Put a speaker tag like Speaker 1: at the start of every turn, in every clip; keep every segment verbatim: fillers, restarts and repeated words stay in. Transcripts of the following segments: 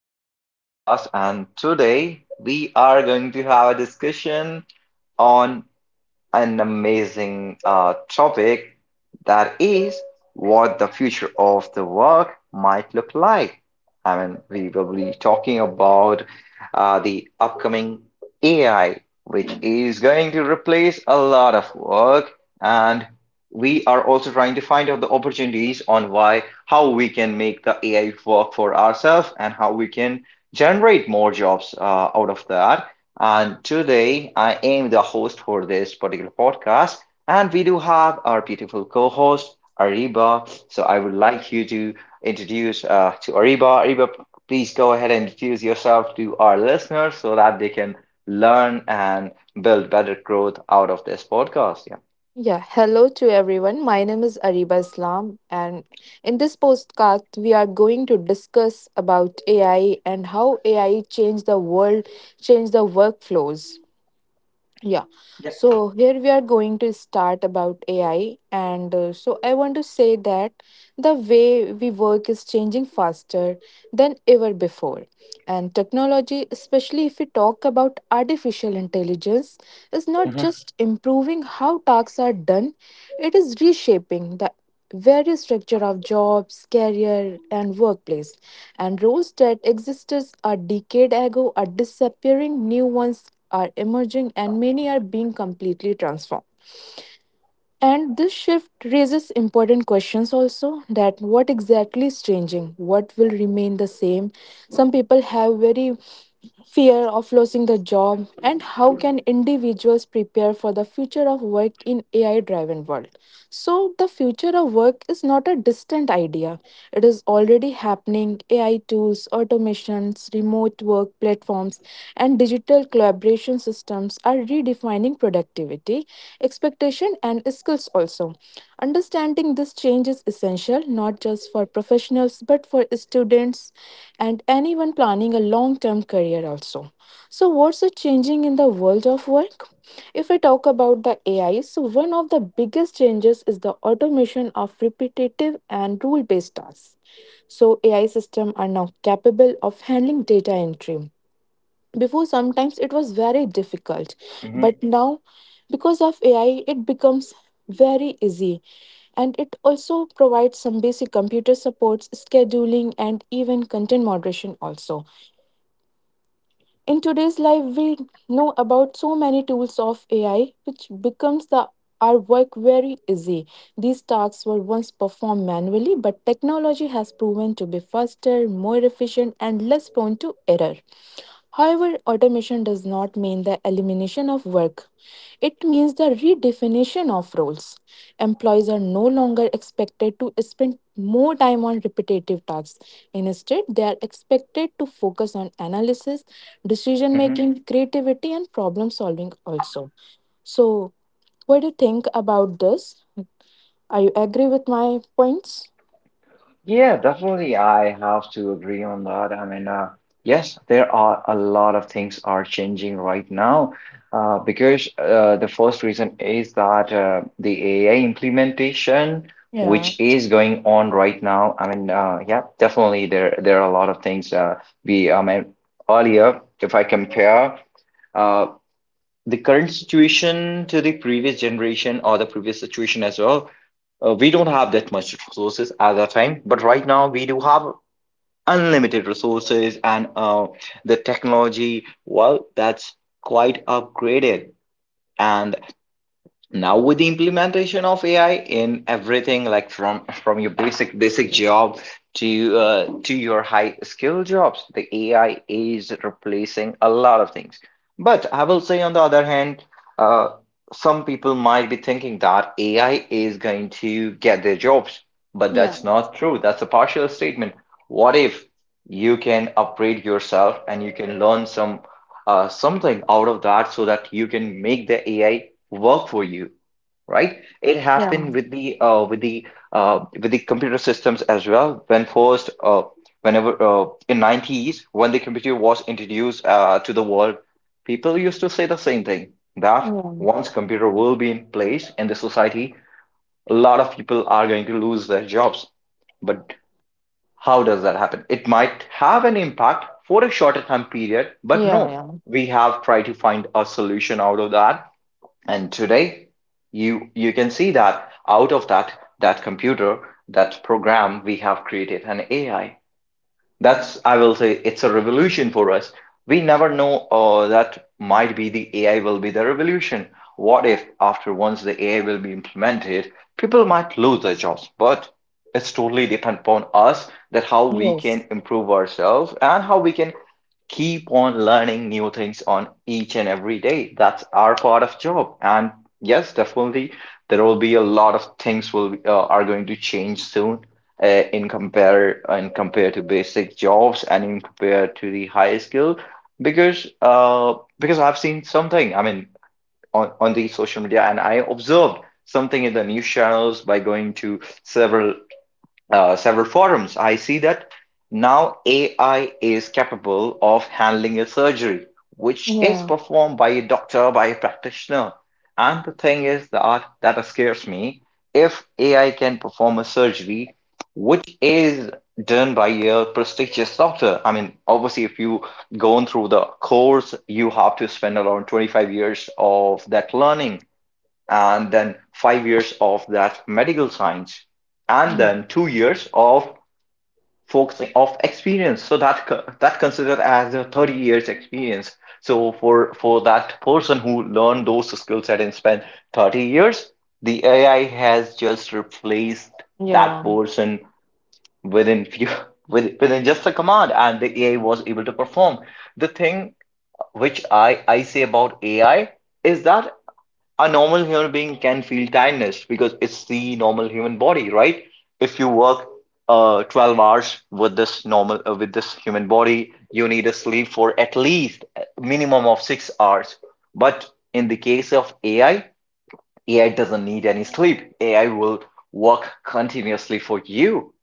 Speaker 1: To the podcast. And today we are going to have a discussion on an amazing uh, topic that is what the future of the work might look like. I mean, we will be talking about uh, the upcoming A I, which is going to replace a lot of work. And we are also trying to find out the opportunities on why, how we can make the A I work for ourselves and how we can generate more jobs uh, out of that. And today I am the host for this particular podcast. And we do have our beautiful co host, Ariba. So I would like you to introduce uh, to Ariba. Ariba, please go ahead and introduce yourself to our listeners so that they can learn and build better growth out of this podcast. Yeah.
Speaker 2: Yeah, hello to everyone. My name is Ariba Islam and in this podcast we are going to discuss about A I and how A I changed the world, changed the workflows. Yeah. So here we are going to start about A I. And uh, so I want to say that the way we work is changing faster than ever before. And technology, especially if we talk about artificial intelligence, is not
Speaker 1: Yeah.
Speaker 2: just improving how tasks are done, it is reshaping the various structure of jobs, career, and workplace, and roles that existed a decade ago are disappearing, new ones are emerging, and many are being completely transformed. And this shift raises important questions also, that what exactly is changing? What will remain the same? Some people have very fear of losing the job, and how can individuals prepare for the future of work in A I driven world? So the future of work is not a distant idea. It is already happening. A I tools, automations, remote work platforms and and digital collaboration systems are redefining productivity, expectation, and skills also. Understanding this change is essential not just for professionals but for students and anyone planning a long term career also. So, what's the changing in the world of work? If I talk about the A I, so one of the biggest changes is the automation of repetitive and rule based tasks. So A I systems are now capable of handling data entry. Before, sometimes it was very difficult,
Speaker 1: Mm-hmm.
Speaker 2: but now, because of A I, it becomes very easy, and it also provides some basic computer supports, scheduling, and even content moderation, also. In today's life, we know about so many tools of A I, which becomes the our work very easy. These tasks were once performed manually, but technology has proven to be faster, more efficient, and less prone to error. However, automation does not mean the elimination of work. It means the redefinition of roles. Employees are no longer expected to spend more time on repetitive tasks. Instead, they are expected to focus on analysis, decision
Speaker 1: Hmm.
Speaker 2: making, creativity, and problem solving also. So, what do you think about this? Are you agree with my points?
Speaker 1: Yeah, definitely. I have to agree on that. I mean, uh, yes, there are a lot of things are changing right now uh, because uh, the first reason is that uh, the A I implementation,
Speaker 2: Yeah.
Speaker 1: which is going on right now. I mean, uh, yeah, definitely there there are a lot of things. Uh, we, I mean, earlier, if I compare uh, the current situation to the previous generation or the previous situation as well, uh, we don't have that much resources at that time, but right now we do have unlimited resources and uh, the technology. Well, that's quite upgraded, and now with the implementation of AI in everything, like from from your basic basic job to uh, to your high skill jobs, the AI is replacing a lot of things. But I will say, on the other hand, uh, some people might be thinking that AI is going to get their jobs, but
Speaker 2: Yeah.
Speaker 1: that's not true. That's a partial statement. What if you can upgrade yourself and you can learn some uh, something out of that, so that you can make the AI work for you? Right. It
Speaker 2: Yeah.
Speaker 1: happened with the uh, with the uh, with the computer systems as well. When first uh, whenever uh, in nineties, when the computer was introduced uh, to the world, people used to say the same thing, that
Speaker 2: Yeah.
Speaker 1: once computer will be in place in the society, a lot of people are going to lose their jobs. But how does that happen? It might have an impact for a shorter time period, but
Speaker 2: Yeah.
Speaker 1: no,
Speaker 2: Yeah.
Speaker 1: we have tried to find a solution out of that. And today, you you can see that out of that, that computer, that program, we have created an A I. That's, I will say, it's a revolution for us. We never know uh, that might be the A I will be the revolution. What if after once the A I will be implemented, people might lose their jobs? But it's totally dependent upon us, that how we can
Speaker 2: Yes.
Speaker 1: improve ourselves and how we can keep on learning new things on each and every day. That's our part of job. And yes, definitely there will be a lot of things will uh, are going to change soon, uh, in compare in compare to basic jobs and in compare to the high skill. Because uh because I've seen something, I mean, on on the social media, and I observed something in the news channels. By going to several uh, several forums, I see that now A I is capable of handling a surgery which is
Speaker 2: Yeah.
Speaker 1: performed by a doctor, by a practitioner. And the thing is that that scares me. If A I can perform a surgery which is done by a prestigious doctor, I mean, obviously, if you go on through the course, you have to spend around twenty-five years of that learning, and then five years of that medical science, and
Speaker 2: Yeah.
Speaker 1: then two years of focusing of experience. So that that considered as a thirty years experience. So for for that person who learned those skill set and spent thirty years, the A I has just replaced that
Speaker 2: Yeah.
Speaker 1: person within few with, within just a command, and the A I was able to perform. The thing which I I say about A I is that a normal human being can feel tiredness because it's the normal human body, right? If you work uh twelve hours with this normal uh, with this human body, you need a sleep for at least a minimum of six hours. But in the case of A I, A I doesn't need any sleep. A I will work continuously for you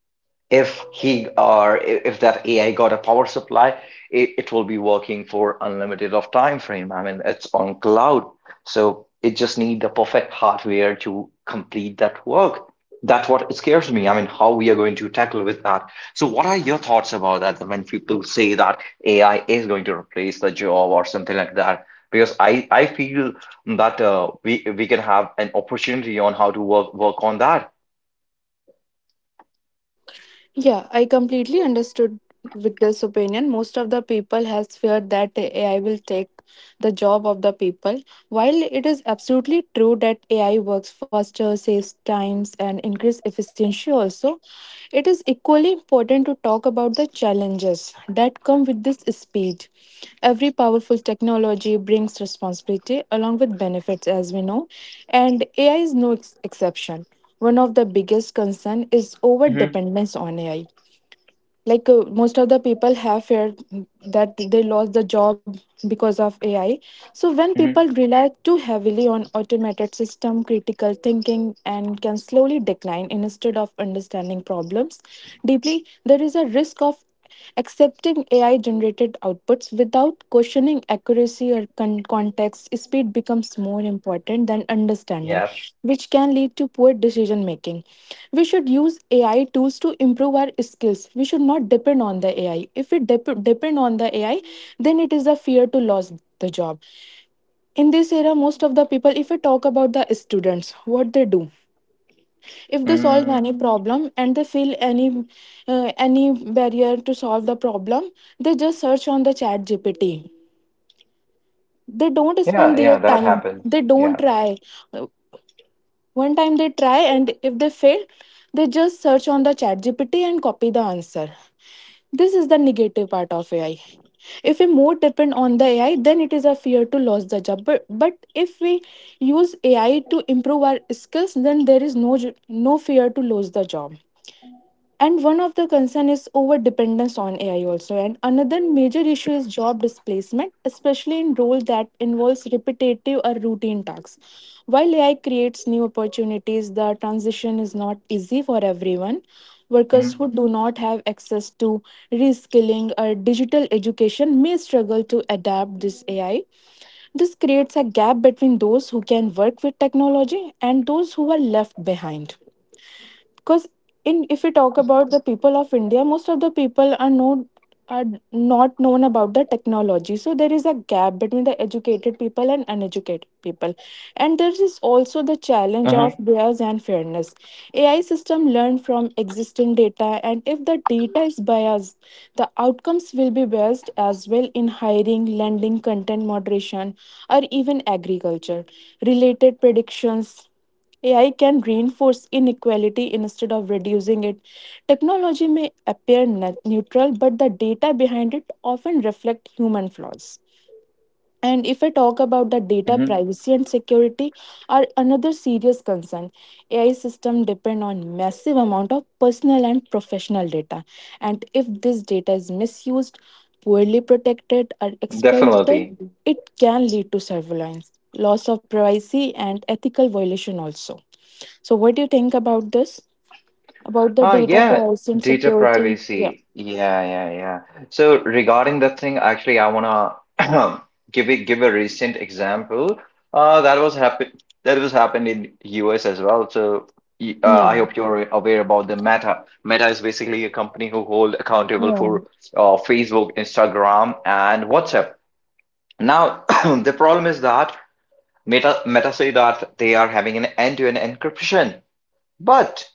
Speaker 1: if he or if that A I got a power supply, it, it will be working for unlimited of time frame. I mean, it's on cloud, so it just need the perfect hardware to complete that work. That's what scares me. I mean, how we are going to tackle with that. So, what are your thoughts about that, when people say that A I is going to replace the job or something like that? Because I, I feel that uh, we we can have an opportunity on how to work work on that.
Speaker 2: Yeah, I completely understood with this opinion. Most of the people has feared that A I will take the job of the people. While it is absolutely true that A I works faster, saves times, and increase efficiency also, it is equally important to talk about the challenges that come with this speed. Every powerful technology brings responsibility along with benefits, as we know, and A I is no ex- exception. One of the biggest concern is over
Speaker 1: Hmm.
Speaker 2: dependence on AI. Like uh, most of the people have feared that they lost the job because of AI. So when people
Speaker 1: Hmm.
Speaker 2: rely too heavily on automated system, critical thinking and can slowly decline. Instead of understanding problems deeply, there is a risk of accepting A I generated outputs without questioning accuracy or con- context. Speed becomes more important than understanding,
Speaker 1: Yeah.
Speaker 2: which can lead to poor decision making. We should use A I tools to improve our skills. We should not depend on the A I. If we dep- depend on the A I, then it is a fear to lose the job. In this era, most of the people, if we talk about the students, what they do, if they solve
Speaker 1: Mm,
Speaker 2: any problem and they feel any uh, any barrier to solve the problem, they just search on the chat gpt they don't
Speaker 1: yeah,
Speaker 2: spend their
Speaker 1: yeah, that
Speaker 2: time,
Speaker 1: happens.
Speaker 2: they don't
Speaker 1: Yeah.
Speaker 2: try. Uh, One time they try, and if they fail, they just search on the chat gpt and copy the answer. This is the negative part of AI. If we more depend on the AI, then it is a fear to lose the job, but, but if we use AI to improve our skills, then there is no ju- no fear to lose the job. And one of the concern is over dependence on AI also, and another major issue is job displacement, especially in roles that involves repetitive or routine tasks. While AI creates new opportunities, the transition is not easy for everyone. Workers who
Speaker 1: Mm-hmm.
Speaker 2: do not have access to reskilling or digital education may struggle to adapt this AI. This creates a gap between those who can work with technology and those who are left behind, because in if we talk about the people of India, most of the people are known are not known about the technology, so there is a gap between the educated people and uneducated people. And there is also the challenge of
Speaker 1: Mm-hmm.
Speaker 2: bias and fairness. AI system learn from existing data, and if the data is biased, the outcomes will be biased as well, in hiring, lending, content moderation, or even agriculture related predictions. A I can reinforce inequality instead of reducing it. Technology may appear ne- neutral, but the data behind it often reflect human flaws. And if I talk about the data
Speaker 1: Hmm.
Speaker 2: privacy and security, are another serious concern. A I system depend on massive amount of personal and professional data. And if this data is misused, poorly protected or
Speaker 1: Definitely.
Speaker 2: exploited, it can lead to surveillance, loss of privacy and ethical violation also. So, what do you think about this? About the
Speaker 1: Ah,
Speaker 2: data
Speaker 1: yeah,
Speaker 2: privacy and
Speaker 1: data
Speaker 2: security? Yeah.
Speaker 1: privacy. Yeah, yeah, yeah. So regarding that thing, actually, I wanna give it give a recent example. Uh, that was happen that was happened in U S as well. So y-
Speaker 2: Yeah.
Speaker 1: uh, I hope you're aware about the Meta. Meta is basically a company who hold accountable
Speaker 2: Yeah.
Speaker 1: for uh, Facebook, Instagram, and WhatsApp. Now, the problem is that Meta, Meta say that they are having an end-to-end encryption, but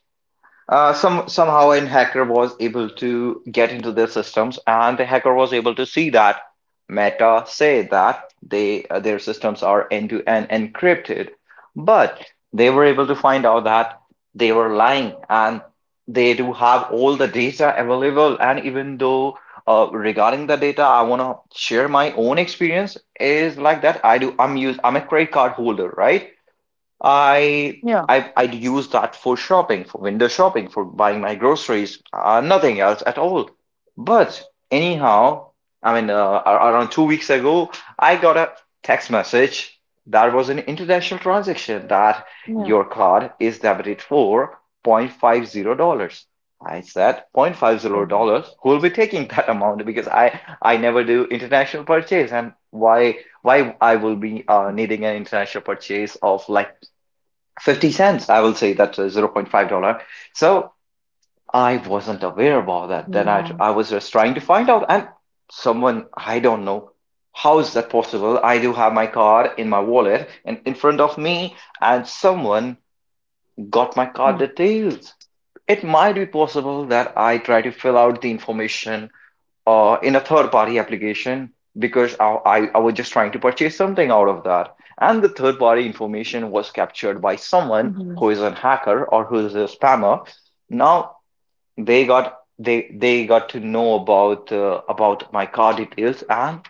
Speaker 1: uh, some somehow an hacker was able to get into their systems, and the hacker was able to see that Meta say that they uh, their systems are end to end encrypted, but they were able to find out that they were lying and they do have all the data available. And even though, uh, regarding the data, I want to share my own experience is like that. I do. I'm use. I'm a credit card holder, right? I
Speaker 2: Yeah.
Speaker 1: I I'd use that for shopping, for window shopping, for buying my groceries, uh, nothing else at all. But anyhow, I mean, uh, ar- around two weeks ago, I got a text message that was an international transaction, that
Speaker 2: Yeah.
Speaker 1: your card is debited for zero point five zero dollars. I said zero point five zero dollars. Who will be taking that amount? Because I I never do international purchase, and why why I will be uh, needing an international purchase of like fifty cents. I will say that's zero point five dollar. So I wasn't aware about that. Then i
Speaker 2: Yeah.
Speaker 1: i was just trying to find out, and someone, I don't know how is that possible. I do have my card in my wallet and in front of me, and someone got my card
Speaker 2: Yeah.
Speaker 1: details. It might be possible that I try to fill out the information uh, in a third party application, because I, I, I was just trying to purchase something out of that. And the third party information was captured by someone
Speaker 2: Yeah.
Speaker 1: who is a hacker or who is a spammer. Now they got they they got to know about uh, about my card details, and—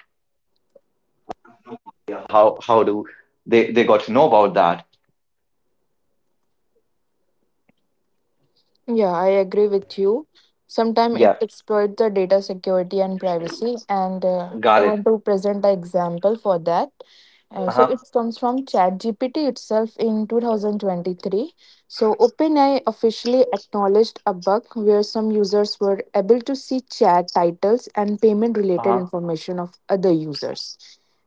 Speaker 2: Yeah, I agree with you. Sometimes it exploits the data security and privacy, and uh, I want to present an example for that. Uh, so
Speaker 1: Uh-huh.
Speaker 2: it comes from ChatGPT itself in two thousand twenty-three. So OpenAI officially acknowledged a bug where some users were able to see chat titles and payment-related
Speaker 1: Uh-huh.
Speaker 2: information of other users.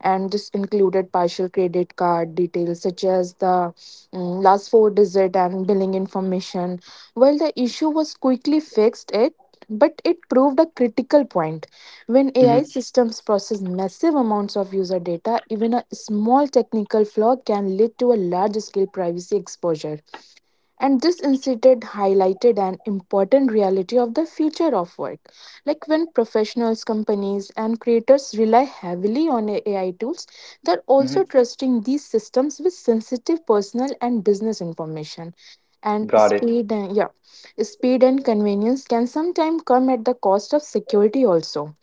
Speaker 2: And this included partial credit card details such as the mm, last four digit and billing information. While the issue was quickly fixed, it but it proved a critical point. When A I
Speaker 1: Mm-hmm.
Speaker 2: systems process massive amounts of user data, even a small technical flaw can lead to a large scale privacy exposure. And this incident highlighted an important reality of the future of work. Like when professionals, companies, and creators rely heavily on A I tools, they're
Speaker 1: Mm-hmm.
Speaker 2: also trusting these systems with sensitive personal and business information. And
Speaker 1: Got it.
Speaker 2: speed and yeah, speed and convenience can sometimes come at the cost of security also.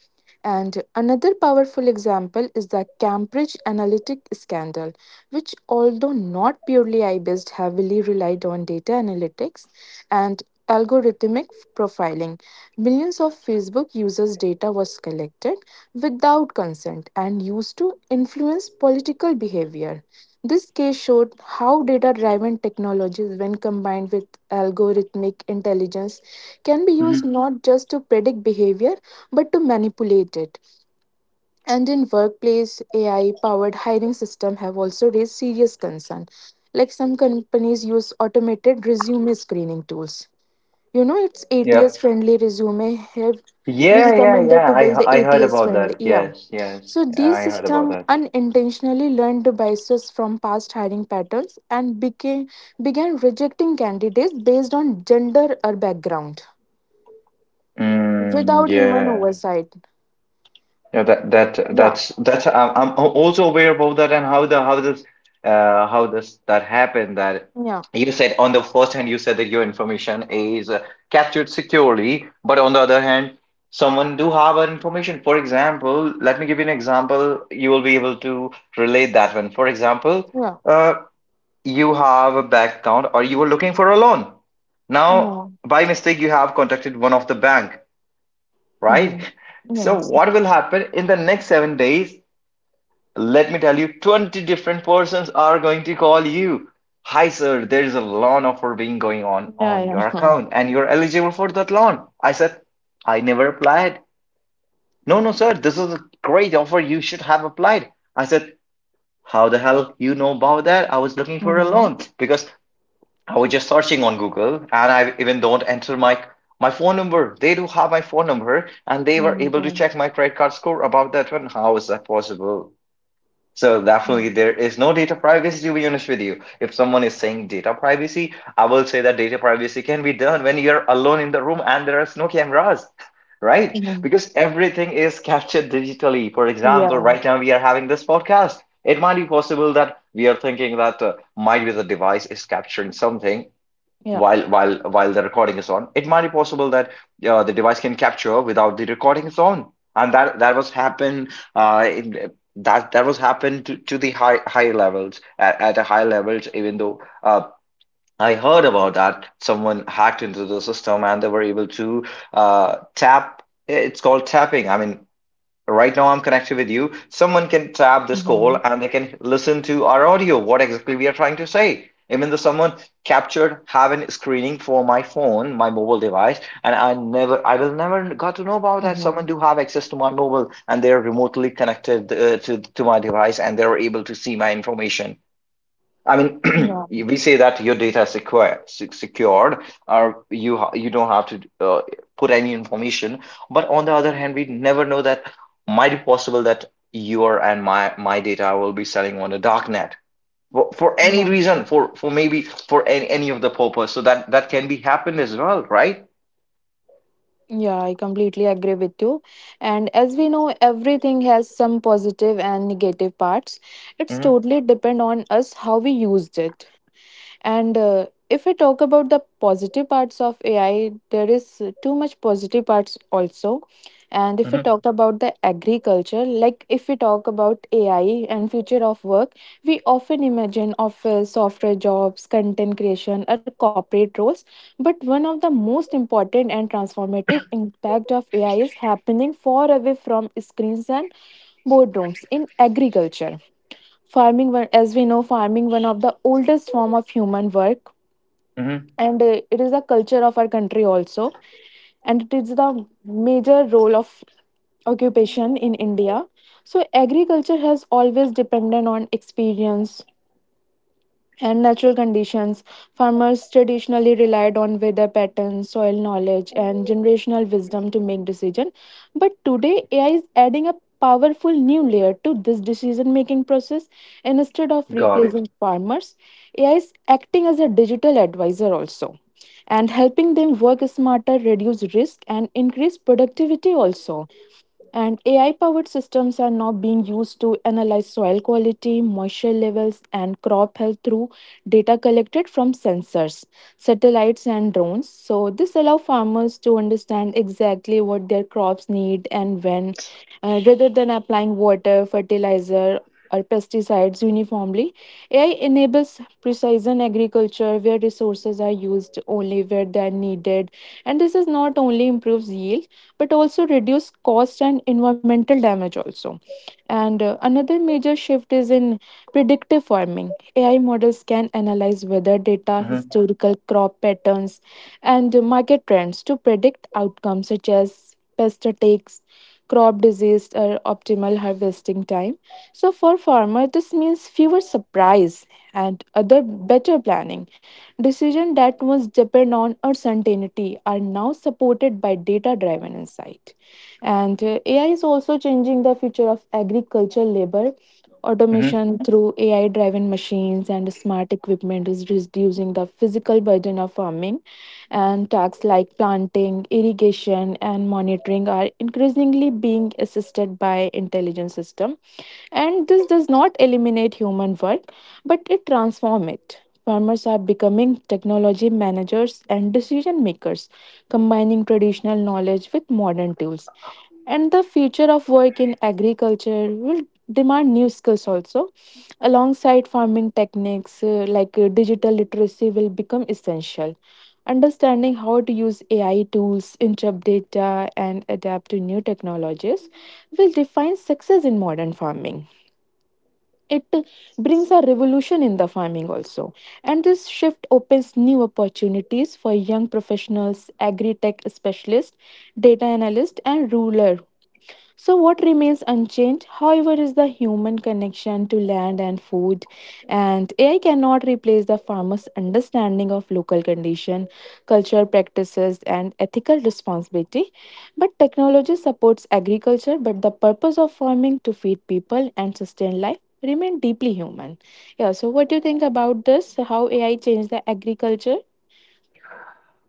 Speaker 2: And another powerful example is the Cambridge Analytic scandal, which, although not purely A I based, heavily relied on data analytics and algorithmic profiling. Millions of Facebook users' data was collected without consent and used to influence political behavior. This case showed how data driven technologies, when combined with algorithmic intelligence, can be used
Speaker 1: Mm-hmm.
Speaker 2: not just to predict behavior but to manipulate it. And in workplace, A I-powered hiring system have also raised serious concern. Like some companies use automated resume screening tools. You know, it's
Speaker 1: Yep.
Speaker 2: A T S-friendly resume have we
Speaker 1: Yeah, yeah,
Speaker 2: recommended
Speaker 1: yeah.
Speaker 2: to
Speaker 1: I
Speaker 2: build
Speaker 1: h- I heard about
Speaker 2: A T S-friendly.
Speaker 1: that.
Speaker 2: Yeah.
Speaker 1: Yes, yes.
Speaker 2: So
Speaker 1: Yeah,
Speaker 2: these
Speaker 1: I heard about
Speaker 2: system
Speaker 1: that.
Speaker 2: unintentionally learned biases from past hiring patterns and became began rejecting candidates based on gender or background
Speaker 1: Mm,
Speaker 2: without human
Speaker 1: yeah.
Speaker 2: oversight.
Speaker 1: Yeah, that that
Speaker 2: Yeah.
Speaker 1: that's that's I'm I'm also aware about that. And how the how this uh how this that happened, that
Speaker 2: Yeah.
Speaker 1: you said on the first hand, you said that your information is uh, captured securely, but on the other hand, someone do have our information. For example, let me give you an example. You will be able to relate that one. For example,
Speaker 2: Yeah.
Speaker 1: uh, you have a bank account or you were looking for a loan. Now,
Speaker 2: Yeah.
Speaker 1: by mistake, you have contacted one of the bank, right?
Speaker 2: Mhm.
Speaker 1: So
Speaker 2: Yes.
Speaker 1: what will happen in the next seven days? Let me tell you, twenty different persons are going to call you. Hi, sir, there is a loan offer being going on
Speaker 2: Yeah,
Speaker 1: on
Speaker 2: yeah.
Speaker 1: your account, and you're eligible for that loan. I said, I never applied. No, no, sir, this is a great offer. You should have applied. I said, how the hell you know about that? I was looking for a
Speaker 2: Mhm.
Speaker 1: loan, because I was just searching on Google, and I even don't enter my my phone number. They do have my phone number, and they
Speaker 2: Oh
Speaker 1: were
Speaker 2: my
Speaker 1: able to
Speaker 2: god.
Speaker 1: check my credit card score about that one. How is that possible? So definitely
Speaker 2: Mm.
Speaker 1: there is no data privacy, to be honest with you. If someone is saying data privacy, I will say that data privacy can be done when you're alone in the room and there are no cameras. Right?
Speaker 2: Mhm.
Speaker 1: Because everything is captured digitally. For example,
Speaker 2: Yeah.
Speaker 1: right now we are having this podcast. It might be possible that we are thinking that uh, might be the device is capturing something
Speaker 2: Yeah.
Speaker 1: while while while the recording is on. It might be possible that uh, the device can capture without the recording is on, and that that was happened uh in, that that was happened to, to the high higher levels at, at the higher levels, even though uh I heard about that someone hacked into the system and they were able to uh tap. It's called tapping, I mean. Right now, I'm connected with you. Someone can tap this call
Speaker 2: Mhm.
Speaker 1: and they can listen to our audio, what exactly we are trying to say. Even though someone captured having screening for my phone, my mobile device, and I never, I will never got to know about that. Someone
Speaker 2: Mhm.
Speaker 1: do have access to my mobile and they're remotely connected uh, to to my device and they're able to see my information. I mean,
Speaker 2: Yeah.
Speaker 1: we say that your data is secure, se- secured, or you ha- you don't have to uh, put any information. But on the other hand, we never know that might be possible that your and my my data will be selling on the dark net for, for any
Speaker 2: Yeah.
Speaker 1: reason, for for maybe for any, any of the purpose. So that that can be happened as well, right?
Speaker 2: Yeah, I completely agree with you. And as we know, everything has some positive and negative parts. It's
Speaker 1: Mm-hmm,
Speaker 2: totally depend on us how we used it. And uh, if we talk about the positive parts of A I, there is too much positive parts also. And if we
Speaker 1: mm-hmm,
Speaker 2: talk about the agriculture, like if we talk about A I and future of work, we often imagine office, software jobs, content creation, or corporate roles. But one of the most important and transformative impact of A I is happening far away from screens and boardrooms, in agriculture farming one. As we know, farming one of the oldest form of human work,
Speaker 1: mm-hmm.
Speaker 2: and uh, it is the culture of our country also, and it is the major role of occupation in India. So agriculture has always depended on experience and natural conditions. Farmers traditionally relied on weather patterns, soil knowledge, and generational wisdom to make decisions. But today, A I is adding a powerful new layer to this decision making process. And instead of
Speaker 1: Got it.
Speaker 2: replacing farmers, A I is acting as a digital advisor also, and helping them work smarter, reduce risk, and increase productivity also. And A I powered systems are now being used to analyze soil quality, moisture levels, and crop health through data collected from sensors, satellites, and drones. So, this allows farmers to understand exactly what their crops need and when, uh, rather than applying water, fertilizer, or pesticides uniformly. A I enables precision agriculture where resources are used only where they are needed, and this is not only improves yield but also reduce cost and environmental damage also. And uh, another major shift is in predictive farming. AI models can analyze weather data, historical crop patterns, and market trends to predict outcomes such as pest attacks, crop disease or optimal harvesting time. So for farmer this means fewer surprise and other better planning. Decisions that once depend on uncertainty are now supported by data driven insight. And uh, A I is also changing the future of agricultural labor.
Speaker 1: Mm-hmm.
Speaker 2: Automation through A I driven machines and smart equipment is reducing the physical burden of farming, and tasks like planting, irrigation, and monitoring are increasingly being assisted by intelligent systems, and this does not eliminate human work, but it transforms it. Farmers are becoming technology managers and decision makers, combining traditional knowledge with modern tools. And the future of work in agriculture will demand new skills also. Alongside farming techniques, uh, like uh, digital literacy will become essential. Understanding how to use A I tools, interpret data, and adapt to new technologies will define success in modern farming. It brings a revolution in the farming also, and this shift opens new opportunities for young professionals, agri-tech specialists, data analysts, and rural. So, what remains unchanged, however, is the human connection to land and food. And A I cannot replace the farmer's understanding of local condition, culture practices, and ethical responsibility. But technology supports agriculture, but the purpose of farming to feed people and sustain life remain deeply human. Yeah. So, what do you think about this? How A I changed the agriculture?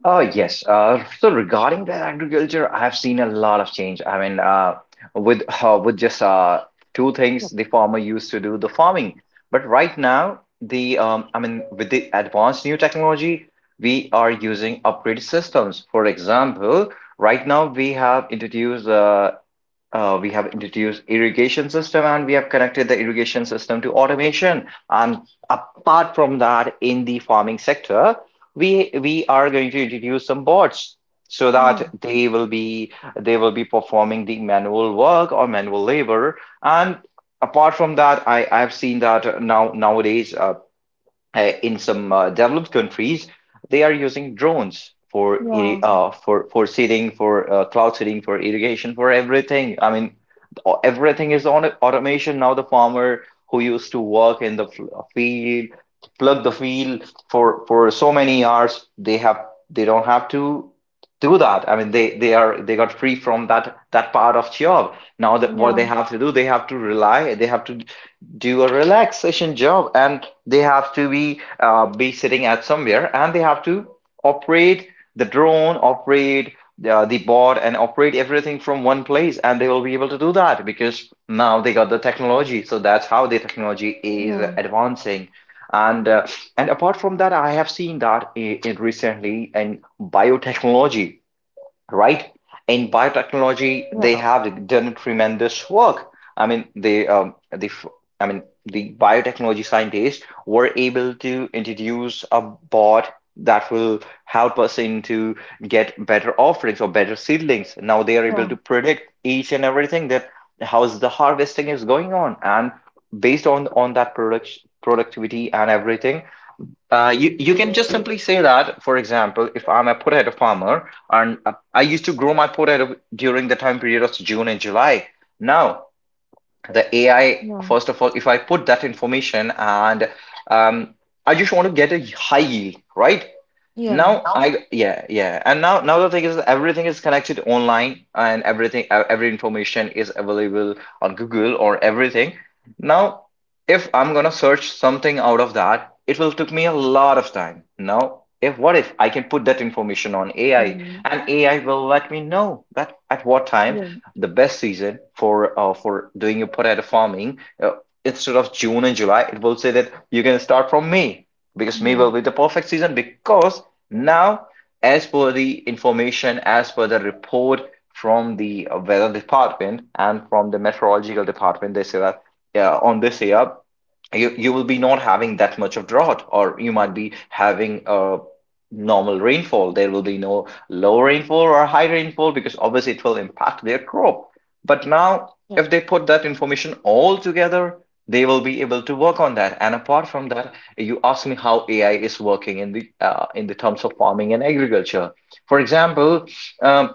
Speaker 1: Oh, yes. Uh, so regarding that agriculture, I've seen a lot of change. I mean, uh, with uh, with just uh, two things the farmer used to do the farming, but right now the um, I mean, with the advanced new technology, we are using upgraded systems. For example, right now we have introduced uh, uh, we have introduced irrigation system, and we have connected the irrigation system to automation. And apart from that, in the farming sector, we we are going to introduce some bots so
Speaker 2: Yeah.
Speaker 1: that they will be they will be performing the manual work or manual labor. And apart from that, I I've seen that now nowadays uh, uh, in some uh, developed countries, they are using drones for irri-
Speaker 2: Yeah.
Speaker 1: uh, for for seeding, for uh, cloud seeding, for irrigation, for everything. I mean, o- everything is on automation now. The farmer who used to work in the f- field, plug the field for for so many hours, they have they don't have to do that. I mean, they they are they got free from that that part of job. Now that what they
Speaker 2: Yeah.
Speaker 1: have to do, they have to rely, they have to do a relaxation job, and they have to be uh, be sitting at somewhere, and they have to operate the drone, operate uh, the board, and operate everything from one place, and they will be able to do that because now they got the technology. So that's how the technology is
Speaker 2: Yeah.
Speaker 1: advancing, and uh, and apart from that, I have seen that in, in recently in biotechnology, right? In biotechnology, they
Speaker 2: Yeah.
Speaker 1: have done tremendous work. I mean, they, um, the, I mean, the biotechnology scientists were able to introduce a bot that will help us into get better offerings or better seedlings. Now they are able
Speaker 2: Yeah.
Speaker 1: to predict each and everything that how's the harvesting is going on, and based on on that product productivity and everything, uh, you, you can just simply say that, for example, if I'm a potato farmer and uh, I used to grow my potato during the time period of June and July. Now, the A I,
Speaker 2: Yeah.
Speaker 1: first of all, if I put that information and um, I just want to get a high yield, right?
Speaker 2: Yeah.
Speaker 1: Now
Speaker 2: Yeah.
Speaker 1: I, yeah, yeah. And now now the thing is, everything is connected online and everything e- every information is available on Google or everything. Now if I'm gonna search something out of that, it will take me a lot of time. Now if what if I can put that information on A I, and A I will let me know that at what time
Speaker 2: Mhm.
Speaker 1: the best season for uh, for doing a potato farming, uh, instead of June and July. It will say that you can start from May, because May
Speaker 2: Yeah,
Speaker 1: will be the perfect season because now, as per the information, as per the report from the weather department and from the meteorological department, they say that uh, on this year, you, you will be not having that much of drought, or you might be having a normal rainfall. There will be no low rainfall or high rainfall, because obviously it will impact their crop. But now,
Speaker 2: yeah,
Speaker 1: if they put that information all together, they will be able to work on that. And apart from that, you asked me how A I is working in the uh, in the terms of farming and agriculture. For example, um,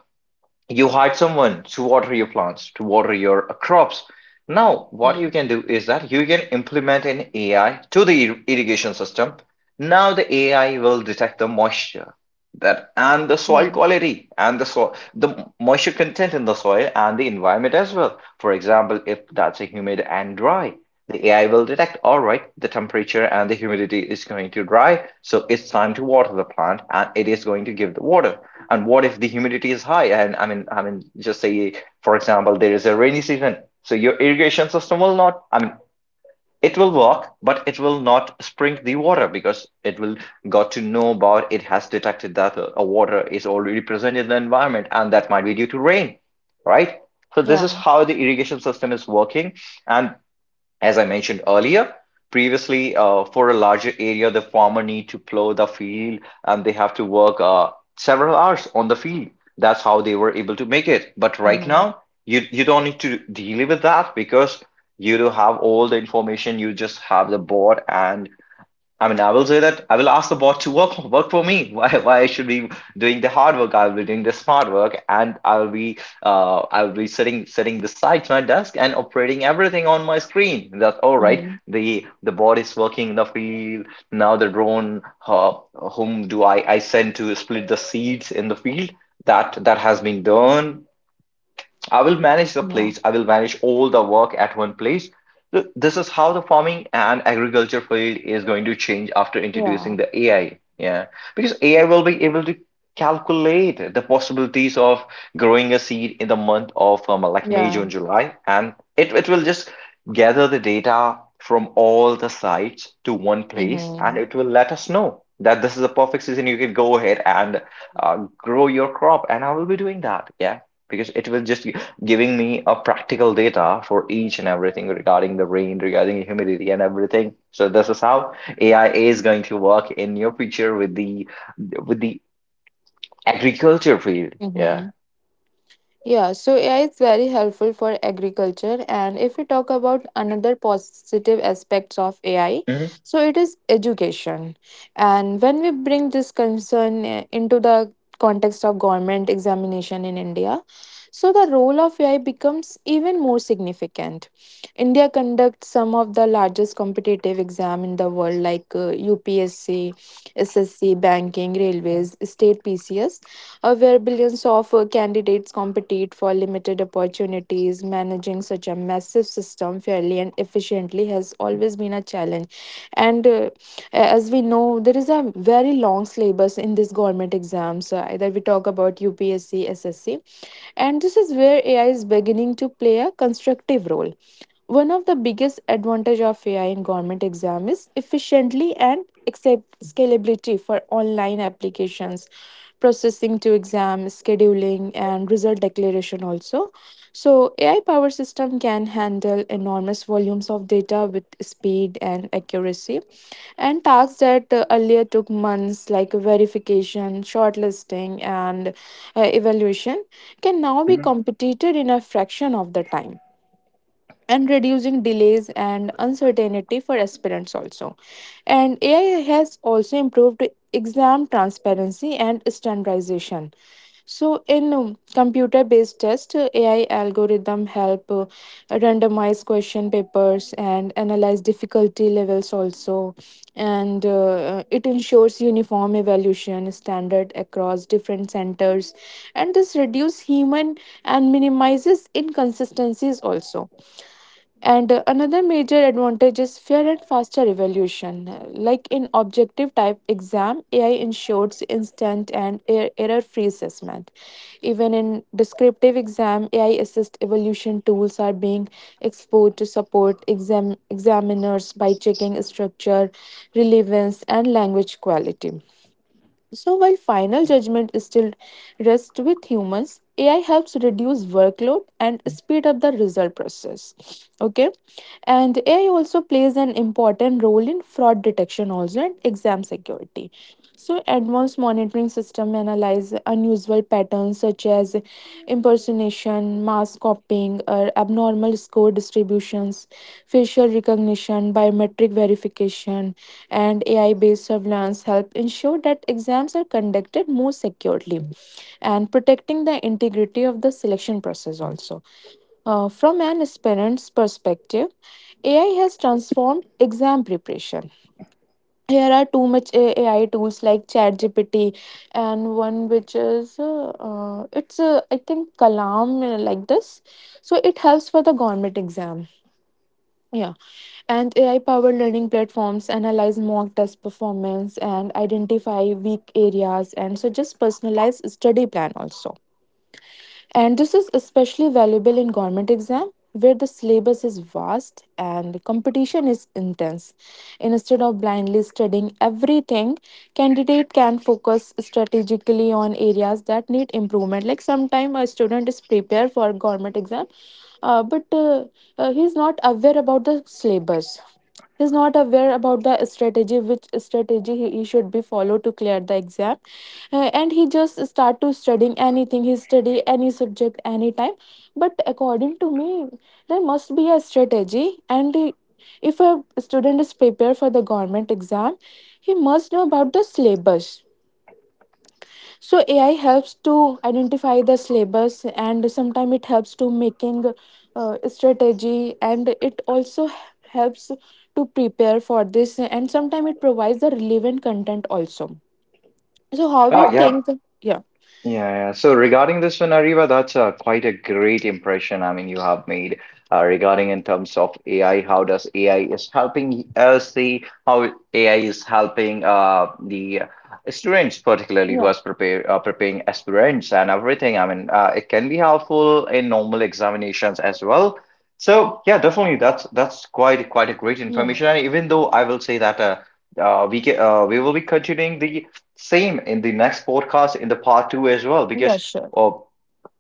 Speaker 1: you hired someone to water your plants, to water your uh, crops. Now,
Speaker 2: yeah,
Speaker 1: what
Speaker 2: yeah.
Speaker 1: you can do is that you can implement an A I to the ir- irrigation system. Now, the A I will detect the moisture that and the soil quality, and the soil, the moisture content in the soil and the environment as well. For example, if that's a humid and dry, the A I will detect, all right, the temperature and the humidity is going to dry, so it's time to water the plant, and it is going to give the water. And what if the humidity is high, and i mean i mean just say, for example, there is a rainy season. So your irrigation system will not, i mean it will work, but it will not sprinkle the water, because it will got to know about, it has detected that uh, a water is already present in the environment, and that might be due to rain, right? So this is
Speaker 2: Yeah,
Speaker 1: how the irrigation system is working. And as I mentioned earlier, previously, uh, for a larger area, the farmer need to plow the field and they have to work uh, several hours on the field. That's how they were able to make it. But right
Speaker 2: mhm.
Speaker 1: now, you you don't need to deal with that, because you do have all the information. You just have the board, and I mean, I will say that I will ask the bot to work work for me. Why why I should be doing the hard work? I'll be doing the smart work, and I'll be uh I'll be setting setting the sitting beside my desk and operating everything on my screen. That's all right.
Speaker 2: Mhm.
Speaker 1: The the bot is working in the field now. The drone, uh, whom do I I send to split the seeds in the field? That that has been done. I will manage the
Speaker 2: Yeah,
Speaker 1: place. I will manage all the work at one place. Th- This is how the farming and agriculture field is going to change after introducing
Speaker 2: yeah,
Speaker 1: the A I. Yeah, because A I will be able to calculate the possibilities of growing a seed in the month of um, like May,
Speaker 2: yeah,
Speaker 1: June, July, and it, it will just gather the data from all the sites to one place, and
Speaker 2: mhm.
Speaker 1: it will let us know that this is a perfect season. You can go ahead and uh, grow your crop, and I will be doing that. Yeah, because it will just giving me a practical data for each and everything regarding the rain, regarding humidity and everything. So this is how A I is going to work in your future with the with the agriculture field. Yeah.
Speaker 2: Mm-hmm. Yeah, so A I is very helpful for agriculture. And if we talk about another positive aspects of A I,
Speaker 1: Hmm.
Speaker 2: so it is education. And when we bring this concern uh, into the context of government examination in India, so the role of A I becomes even more significant. India conducts some of the largest competitive exam in the world like uh, U P S C, S S C, banking, railways, state P C S, uh, where billions of uh, candidates compete for limited opportunities. Managing such a massive system fairly and efficiently has always been a challenge. And uh, As we know, there is a very long syllabus in this government exams. Uh, either we talk about U P S C, S S C, and this is where A I is beginning to play a constructive role. One of the biggest advantage of A I in government exam is efficiently and accept- scalability for online applications, processing to exam, scheduling, and result declaration also. So A I power system can handle enormous volumes of data with speed and accuracy, and tasks that uh, earlier took months like verification, shortlisting, and uh, evaluation can now be completed in a fraction of the time, and reducing delays and uncertainty for aspirants also. And A I has also improved exam transparency and standardization. So in um, computer-based test, uh, A I algorithm help uh, randomize question papers and analyze difficulty levels also, and uh, uh, it ensures uniform evaluation standard across different centers, and this reduce human and minimizes inconsistencies also. And uh, Another major advantage is fair and faster evaluation. Uh, Like in objective type exam, A I ensures instant and error free assessment. Even in descriptive exam, A I assist evaluation tools are being explored to support exam examiners by checking structure, relevance, and language quality. So while final judgment is still rests with humans, A I helps reduce workload and speed up the result process. Okay. And A I also plays an important role in fraud detection also and exam security. So, advanced monitoring system analyze unusual patterns such as impersonation, mass copying, or abnormal score distributions, facial recognition, biometric verification, and A I-based surveillance help ensure that exams are conducted more securely and protecting the integrity of the selection process also. Uh, from an aspirant's perspective, A I has transformed exam preparation. Here are too much A- AI tools like ChatGPT and one which is uh, uh, it's uh, I think Kalam, uh, like this. So it helps for the government exam. Yeah, and A I powered learning platforms analyze mock test performance and identify weak areas and suggest personalized study plan also. And this is especially valuable in government exam where the syllabus is vast and competition is intense. Instead of blindly studying everything, candidate can focus strategically on areas that need improvement. Like sometime a student is prepared for government exam, uh, but uh, uh, he's not aware about the syllabus, he's not aware about the strategy, which strategy he he should be followed to clear the exam. Uh, and he just start to studying anything, he study any subject anytime. But according to me, there must be a strategy, and uh, if a student is prepared for the government exam, he must know about the syllabus. So AI helps to identify the syllabus, and sometimes it helps to making uh, strategy, and it also helps to prepare for this, and sometimes it provides the relevant content also. So how you
Speaker 1: Oh yeah.
Speaker 2: think? Yeah.
Speaker 1: Yeah, yeah. So regarding this one, Ariva, that's uh, quite a great impression. I mean, you have made uh, regarding in terms of A I, how does A I is helping us, the how A I is helping uh, the students, particularly who
Speaker 2: Yeah.
Speaker 1: has prepare uh, preparing aspirants and everything. I mean, uh, it can be helpful in normal examinations as well. So yeah, definitely, that's that's quite quite a great
Speaker 2: Yeah,
Speaker 1: information. And even though I will say that uh, uh, we can, uh, we will be continuing the same in the next podcast in the part two as well,
Speaker 2: yeah,
Speaker 1: because
Speaker 2: sure.
Speaker 1: oh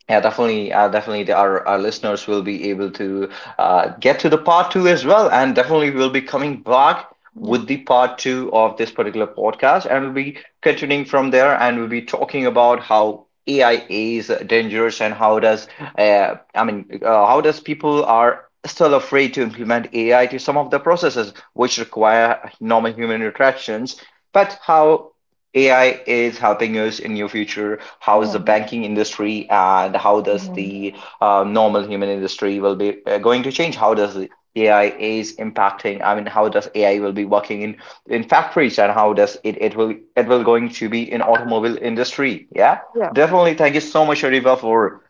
Speaker 1: yeah definitely uh, definitely our, our listeners will be able to uh, get to the part two as well, and definitely we'll be coming back
Speaker 2: Yeah,
Speaker 1: with the part two of this particular podcast, and we'll be continuing from there, and we'll be talking about how A I is dangerous, and how does uh, I mean uh, how does people are still afraid to implement A I to some of the processes which require normal human interactions, but how A I is helping us in your future. How is
Speaker 2: yeah,
Speaker 1: the banking industry, and how does
Speaker 2: mhm.
Speaker 1: the uh, normal human industry will be uh, going to change? How does the A I is impacting? I mean, how does A I will be working in in factories, and how does it it will it will going to be in automobile industry? Yeah,
Speaker 2: Yeah,
Speaker 1: definitely. Thank you so much, Sharifa, for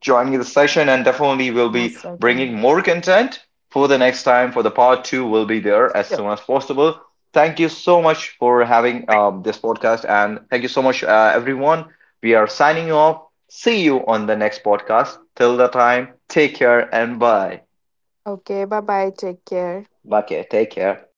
Speaker 1: joining the session, and definitely we'll be
Speaker 2: most
Speaker 1: bringing
Speaker 2: welcome.
Speaker 1: more content for the next time. For the part two will be there as
Speaker 2: Sure.
Speaker 1: soon as possible. Thank you so much for having um, this podcast, and thank you so much uh, everyone. We are signing off. See you on the next podcast. Till the time, take care, and bye.
Speaker 2: Okay, bye bye. Take care.
Speaker 1: Okay, take care.